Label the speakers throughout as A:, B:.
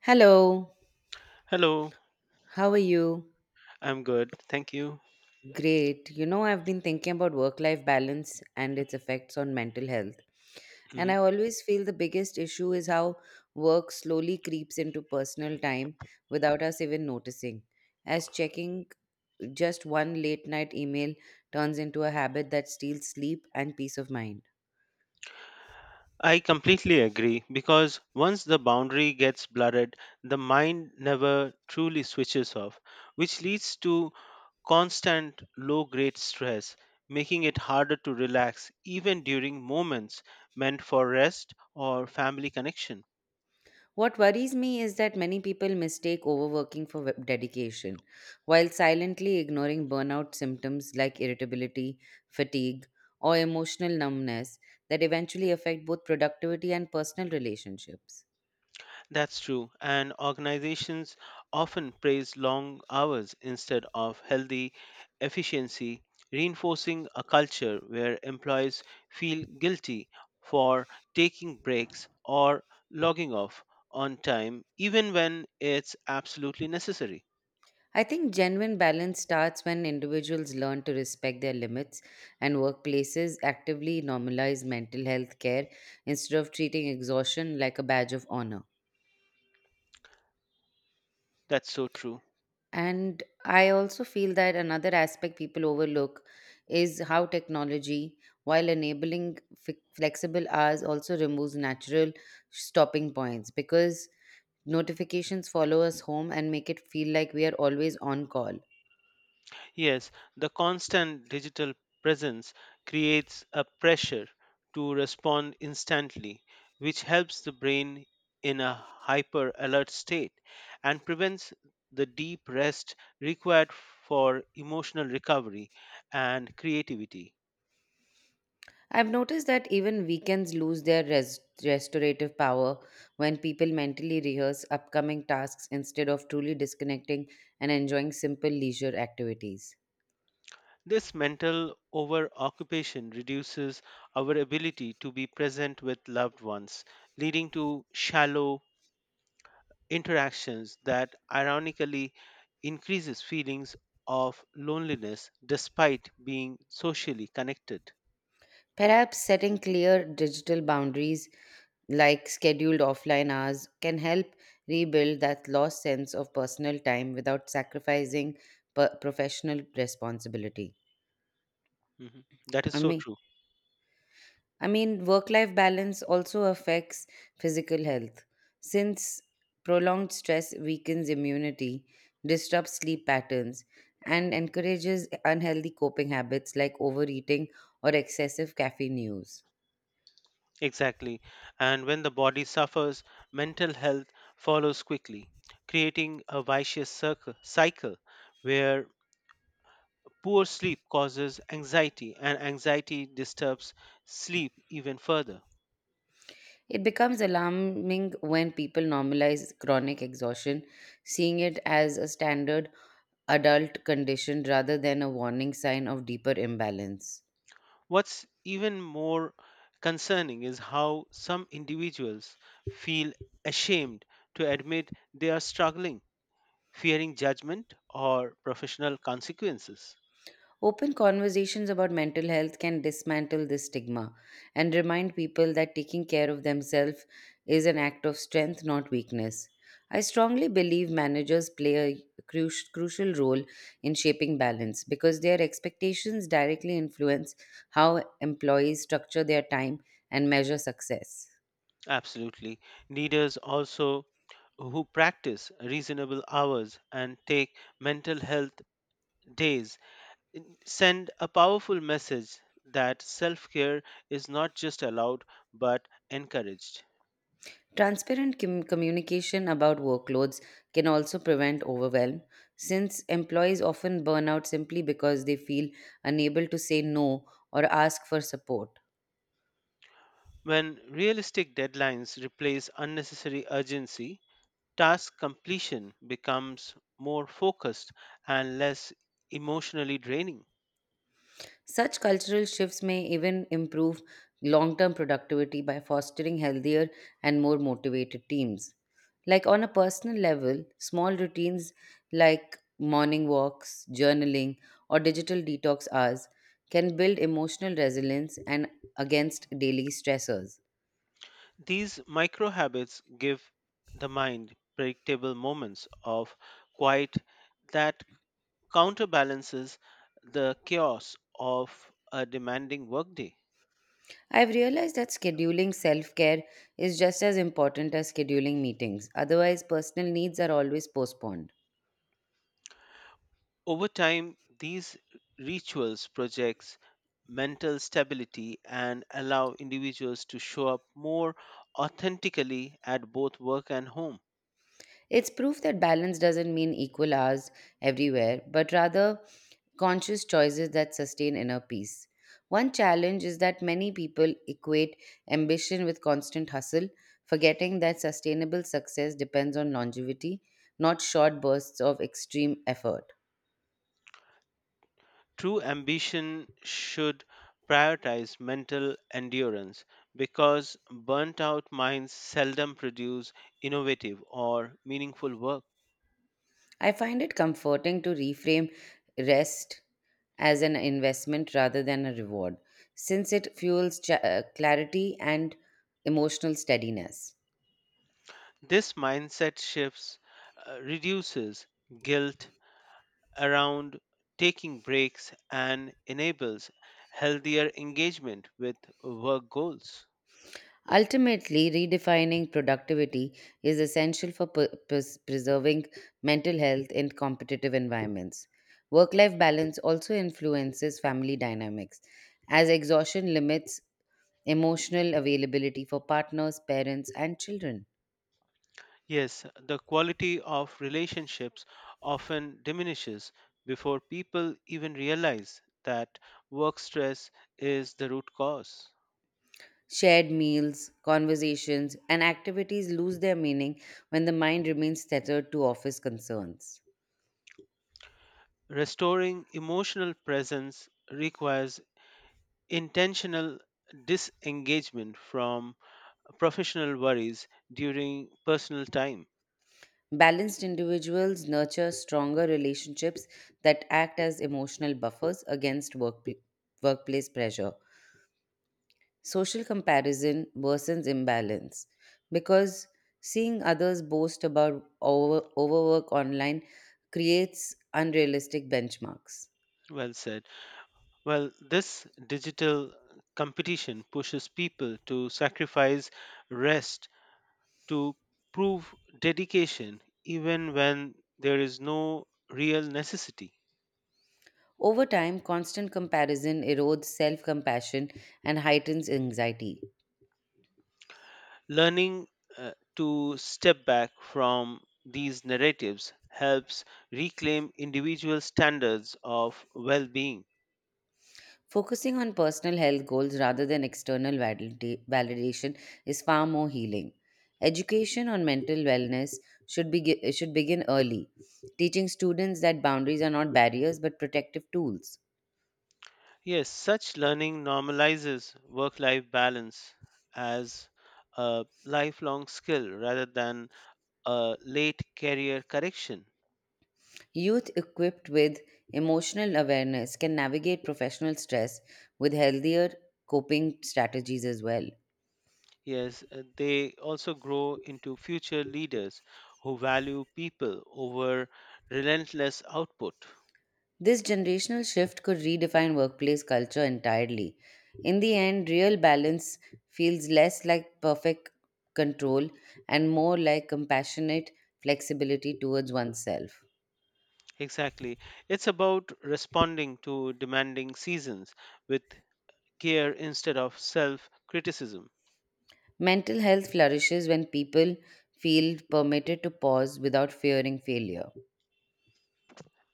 A: Hello,
B: Hello,
A: how are you?
B: I'm good. Thank you.
A: Great. You know, I've been thinking about work life balance and its effects on mental health. And
B: Mhm.
A: I always feel the biggest issue is how work slowly creeps into personal time without us even noticing. As checking just one late night email turns into a habit that steals sleep and peace of mind.
B: I completely agree because once the boundary gets blurred, the mind never truly switches off, which leads to constant low grade stress, making it harder to relax even during moments meant for rest or family connection.
A: What worries me is that many people mistake overworking for dedication, while silently ignoring burnout symptoms like irritability, fatigue, or emotional numbness that eventually affect both productivity and personal relationships.
B: That's true, and organizations often praise long hours instead of healthy efficiency, reinforcing a culture where employees feel guilty for taking breaks or logging off on time, even when it's absolutely necessary.
A: I think genuine balance starts when individuals learn to respect their limits and workplaces actively normalize mental health care instead of treating exhaustion like a badge of honor.
B: That's so true.
A: And I also feel that another aspect people overlook is how technology, while enabling flexible hours, also removes natural stopping points because notifications follow us home and make it feel like we are always on call.
B: Yes, the constant digital presence creates a pressure to respond instantly, which helps the brain in a hyper alert state and prevents the deep rest required for emotional recovery and creativity.
A: I've noticed that even weekends lose their restorative power when people mentally rehearse upcoming tasks instead of truly disconnecting and enjoying simple leisure activities.
B: This mental over occupation reduces our ability to be present with loved ones, leading to shallow interactions that ironically increases feelings of loneliness despite being socially connected.
A: Perhaps setting clear digital boundaries like scheduled offline hours, can help rebuild that lost sense of personal time without sacrificing professional responsibility.
B: Mhm. That is
A: I
B: so
A: mean,
B: true.
A: I mean, work-life balance also affects physical health, since prolonged stress weakens immunity, disrupts sleep patterns, and encourages unhealthy coping habits like overeating or excessive caffeine use.
B: Exactly. And when the body suffers, mental health follows quickly, creating a vicious circle, cycle where poor sleep causes anxiety and anxiety disturbs sleep even further.
A: It becomes alarming when people normalize chronic exhaustion, seeing it as a standard adult condition rather than a warning sign of deeper imbalance.
B: What's even more concerning is how some individuals feel ashamed to admit they are struggling, fearing judgment or professional consequences.
A: Open conversations about mental health can dismantle this stigma and remind people that taking care of themselves is an act of strength, not weakness. I strongly believe managers play a crucial role in shaping balance because their expectations directly influence how employees structure their time and measure success.
B: Absolutely. Leaders also who practice reasonable hours and take mental health days send a powerful message that self care is not just allowed but encouraged.
A: Transparent communication about workloads can also prevent overwhelm, since employees often burn out simply because they feel unable to say no or ask for support.
B: When realistic deadlines replace unnecessary urgency, task completion becomes more focused and less emotionally draining.
A: Such cultural shifts may even improve long term productivity by fostering healthier and more motivated teams. Like on a personal level, small routines like morning walks, journaling, or digital detox hours can build emotional resilience and against daily stressors.
B: These micro habits give the mind predictable moments of quiet that counterbalances the chaos of a demanding workday.
A: I've realized that scheduling self care is just as important as scheduling meetings, otherwise, personal needs are always postponed.
B: Over time, these rituals projects mental stability and allow individuals to show up more authentically at both work and home.
A: It's proof that balance doesn't mean equal hours everywhere, but rather conscious choices that sustain inner peace. One challenge is that many people equate ambition with constant hustle, forgetting that sustainable success depends on longevity, not short bursts of extreme effort.
B: True ambition should prioritize mental endurance because burnt out minds seldom produce innovative or meaningful work.
A: I find it comforting to reframe rest as an investment rather than a reward, since it fuels clarity and emotional steadiness.
B: This mindset shifts reduces guilt around taking breaks and enables healthier engagement with work goals.
A: Ultimately, redefining productivity is essential for preserving mental health in competitive environments. Work life balance also influences family dynamics, as exhaustion limits emotional availability for partners, parents, and children.
B: Yes, the quality of relationships often diminishes before people even realize that work stress is the root cause.
A: Shared meals, conversations, and activities lose their meaning when the mind remains tethered to office concerns.
B: Restoring emotional presence requires intentional disengagement from professional worries during personal time.
A: Balanced individuals nurture stronger relationships that act as emotional buffers against workplace pressure. Social comparison worsens imbalance because seeing others boast about overwork online creates unrealistic benchmarks.
B: Well said. Well, this digital competition pushes people to sacrifice rest to prove dedication even when there is no real necessity.
A: Over time, constant comparison erodes self compassion and heightens anxiety.
B: Learning to step back from these narratives helps reclaim individual standards of well being.
A: Focusing on personal health goals rather than external validation is far more healing. Education on mental wellness should, be, should begin early, teaching students that boundaries are not barriers but protective tools.
B: Yes, such learning normalizes work life balance as a lifelong skill rather than a late career correction.
A: Youth equipped with emotional awareness can navigate professional stress with healthier coping strategies as well.
B: Yes, they also grow into future leaders who value people over relentless output.
A: This generational shift could redefine workplace culture entirely. In the end, real balance feels less like perfect control and more like compassionate flexibility towards oneself.
B: Exactly. It's about responding to demanding seasons with care instead of self criticism.
A: Mental health flourishes when people feel permitted to pause without fearing failure.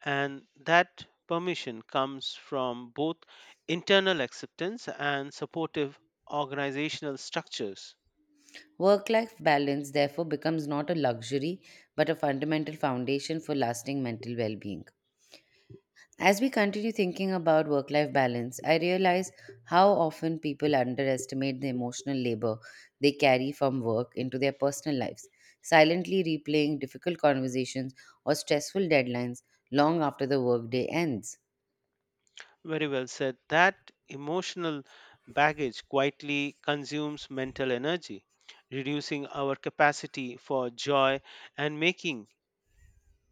B: And that permission comes from both internal acceptance and supportive organizational structures.
A: Work life balance, therefore, becomes not a luxury but a fundamental foundation for lasting mental well being. As we continue thinking about work life balance, I realize how often people underestimate the emotional labor they carry from work into their personal lives, silently replaying difficult conversations or stressful deadlines long after the workday ends.
B: Very well said. That emotional baggage quietly consumes mental energy, reducing our capacity for joy and making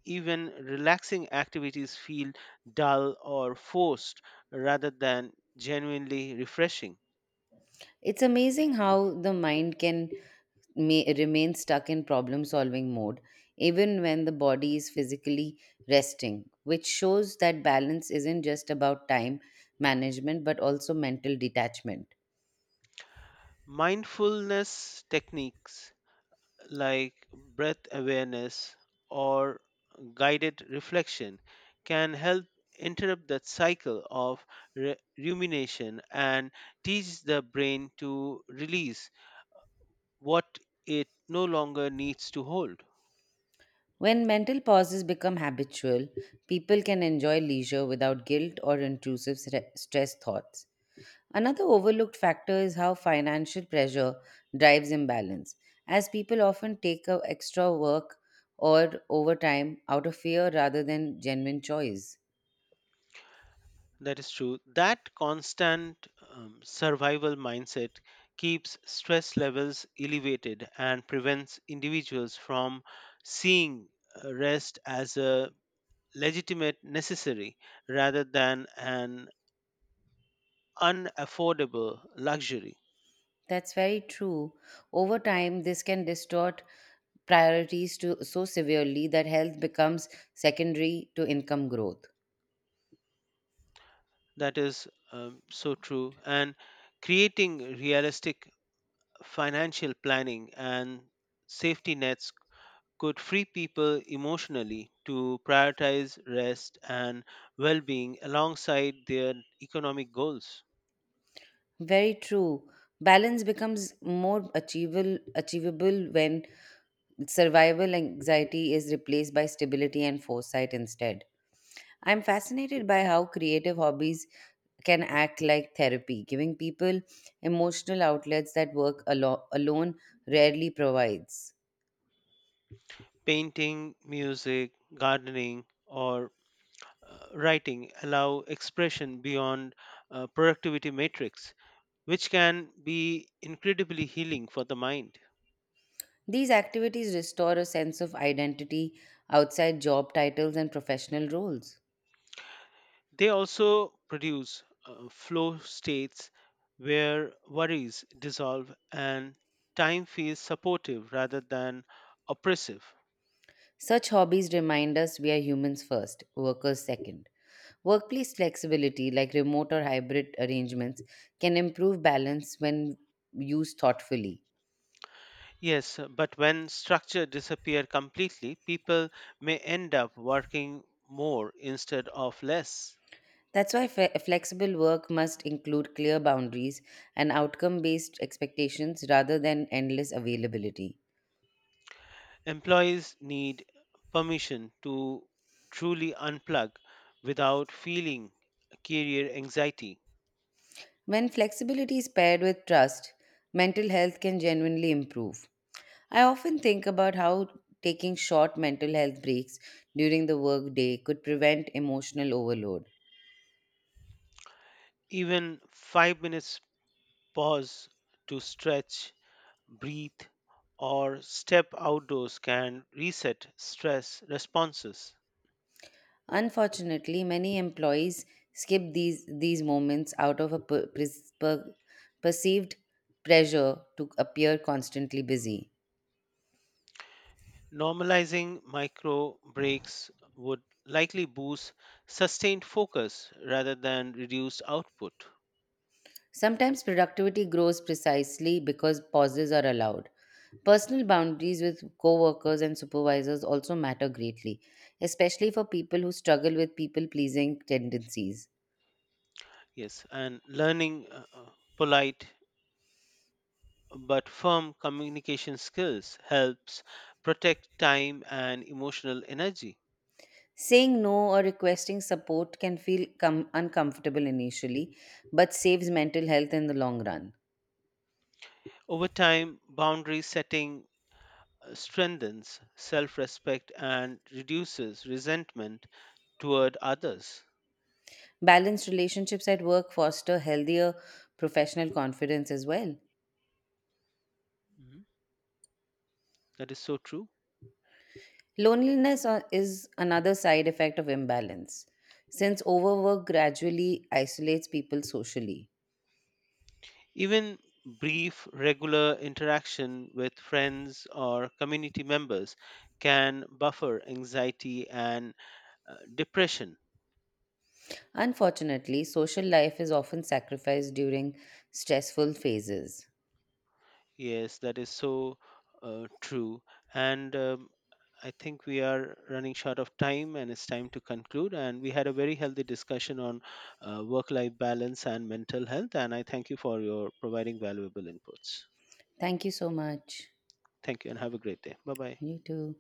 B: even relaxing activities feel dull or forced rather than genuinely refreshing.
A: It's amazing how the mind can remain stuck in problem solving mode even when the body is physically resting, which shows that balance isn't just about time management but also mental detachment.
B: Mindfulness techniques like breath awareness or guided reflection can help interrupt that cycle of rumination and teach the brain to release what it no longer needs to hold.
A: When mental pauses become habitual, people can enjoy leisure without guilt or intrusive stress thoughts. Another overlooked factor is how financial pressure drives imbalance, as people often take up extra work or overtime out of fear rather than genuine choice.
B: That is true. That constant survival mindset keeps stress levels elevated and prevents individuals from seeing rest as a legitimate necessary rather than an unaffordable luxury.
A: That's very true. Over time, this can distort priorities so severely that health becomes secondary to income growth.
B: That is so true. And creating realistic financial planning and safety nets could free people emotionally to prioritize rest and well being alongside their economic goals.
A: Very true. Balance becomes more achievable when survival anxiety is replaced by stability and foresight instead. I'm fascinated by how creative hobbies can act like therapy, giving people emotional outlets that work alone rarely provides.
B: Painting, music, gardening, or writing allow expression beyond productivity matrix which can be incredibly healing for the mind.
A: These activities restore a sense of identity outside job titles and professional roles.
B: They also produce flow states where worries dissolve and time feels supportive rather than oppressive.
A: Such hobbies remind us we are humans first, workers second. Workplace flexibility, like remote or hybrid arrangements, can improve balance when used thoughtfully.
B: Yes, but when structure disappear completely, people may end up working more instead of less.
A: That's why flexible work must include clear boundaries and outcome based expectations rather than endless availability.
B: Employees need permission to truly unplug without feeling career anxiety.
A: When flexibility is paired with trust, mental health can genuinely improve. I often think about how taking short mental health breaks during the workday could prevent emotional overload.
B: Even 5 minutes pause to stretch, breathe, or step outdoors can reset stress responses.
A: Unfortunately, many employees skip these moments out of a perceived pressure to appear constantly busy.
B: Normalizing micro breaks would likely boost sustained focus rather than reduce output.
A: Sometimes productivity grows precisely because pauses are allowed. Personal boundaries with coworkers and supervisors also matter greatly, especially for people who struggle with people pleasing tendencies.
B: Yes, and learning polite but firm communication skills helps protect time and emotional energy.
A: Saying no or requesting support can feel uncomfortable initially, but saves mental health in the long run.
B: Over time, boundary setting strengthens self respect and reduces resentment toward others.
A: Balanced relationships at work foster healthier professional confidence as well.
B: Mhm. That is so true.
A: Loneliness is another side effect of imbalance, since overwork gradually isolates people socially.
B: Even brief, regular interaction with friends or community members can buffer anxiety and depression.
A: Unfortunately, social life is often sacrificed during stressful phases.
B: Yes, that is so true. And I think we are running short of time and it's time to conclude. And we had a very healthy discussion on work life balance and mental health. And I thank you for your providing valuable inputs.
A: Thank you so much.
B: Thank you and have a great day. Bye bye.
A: You too.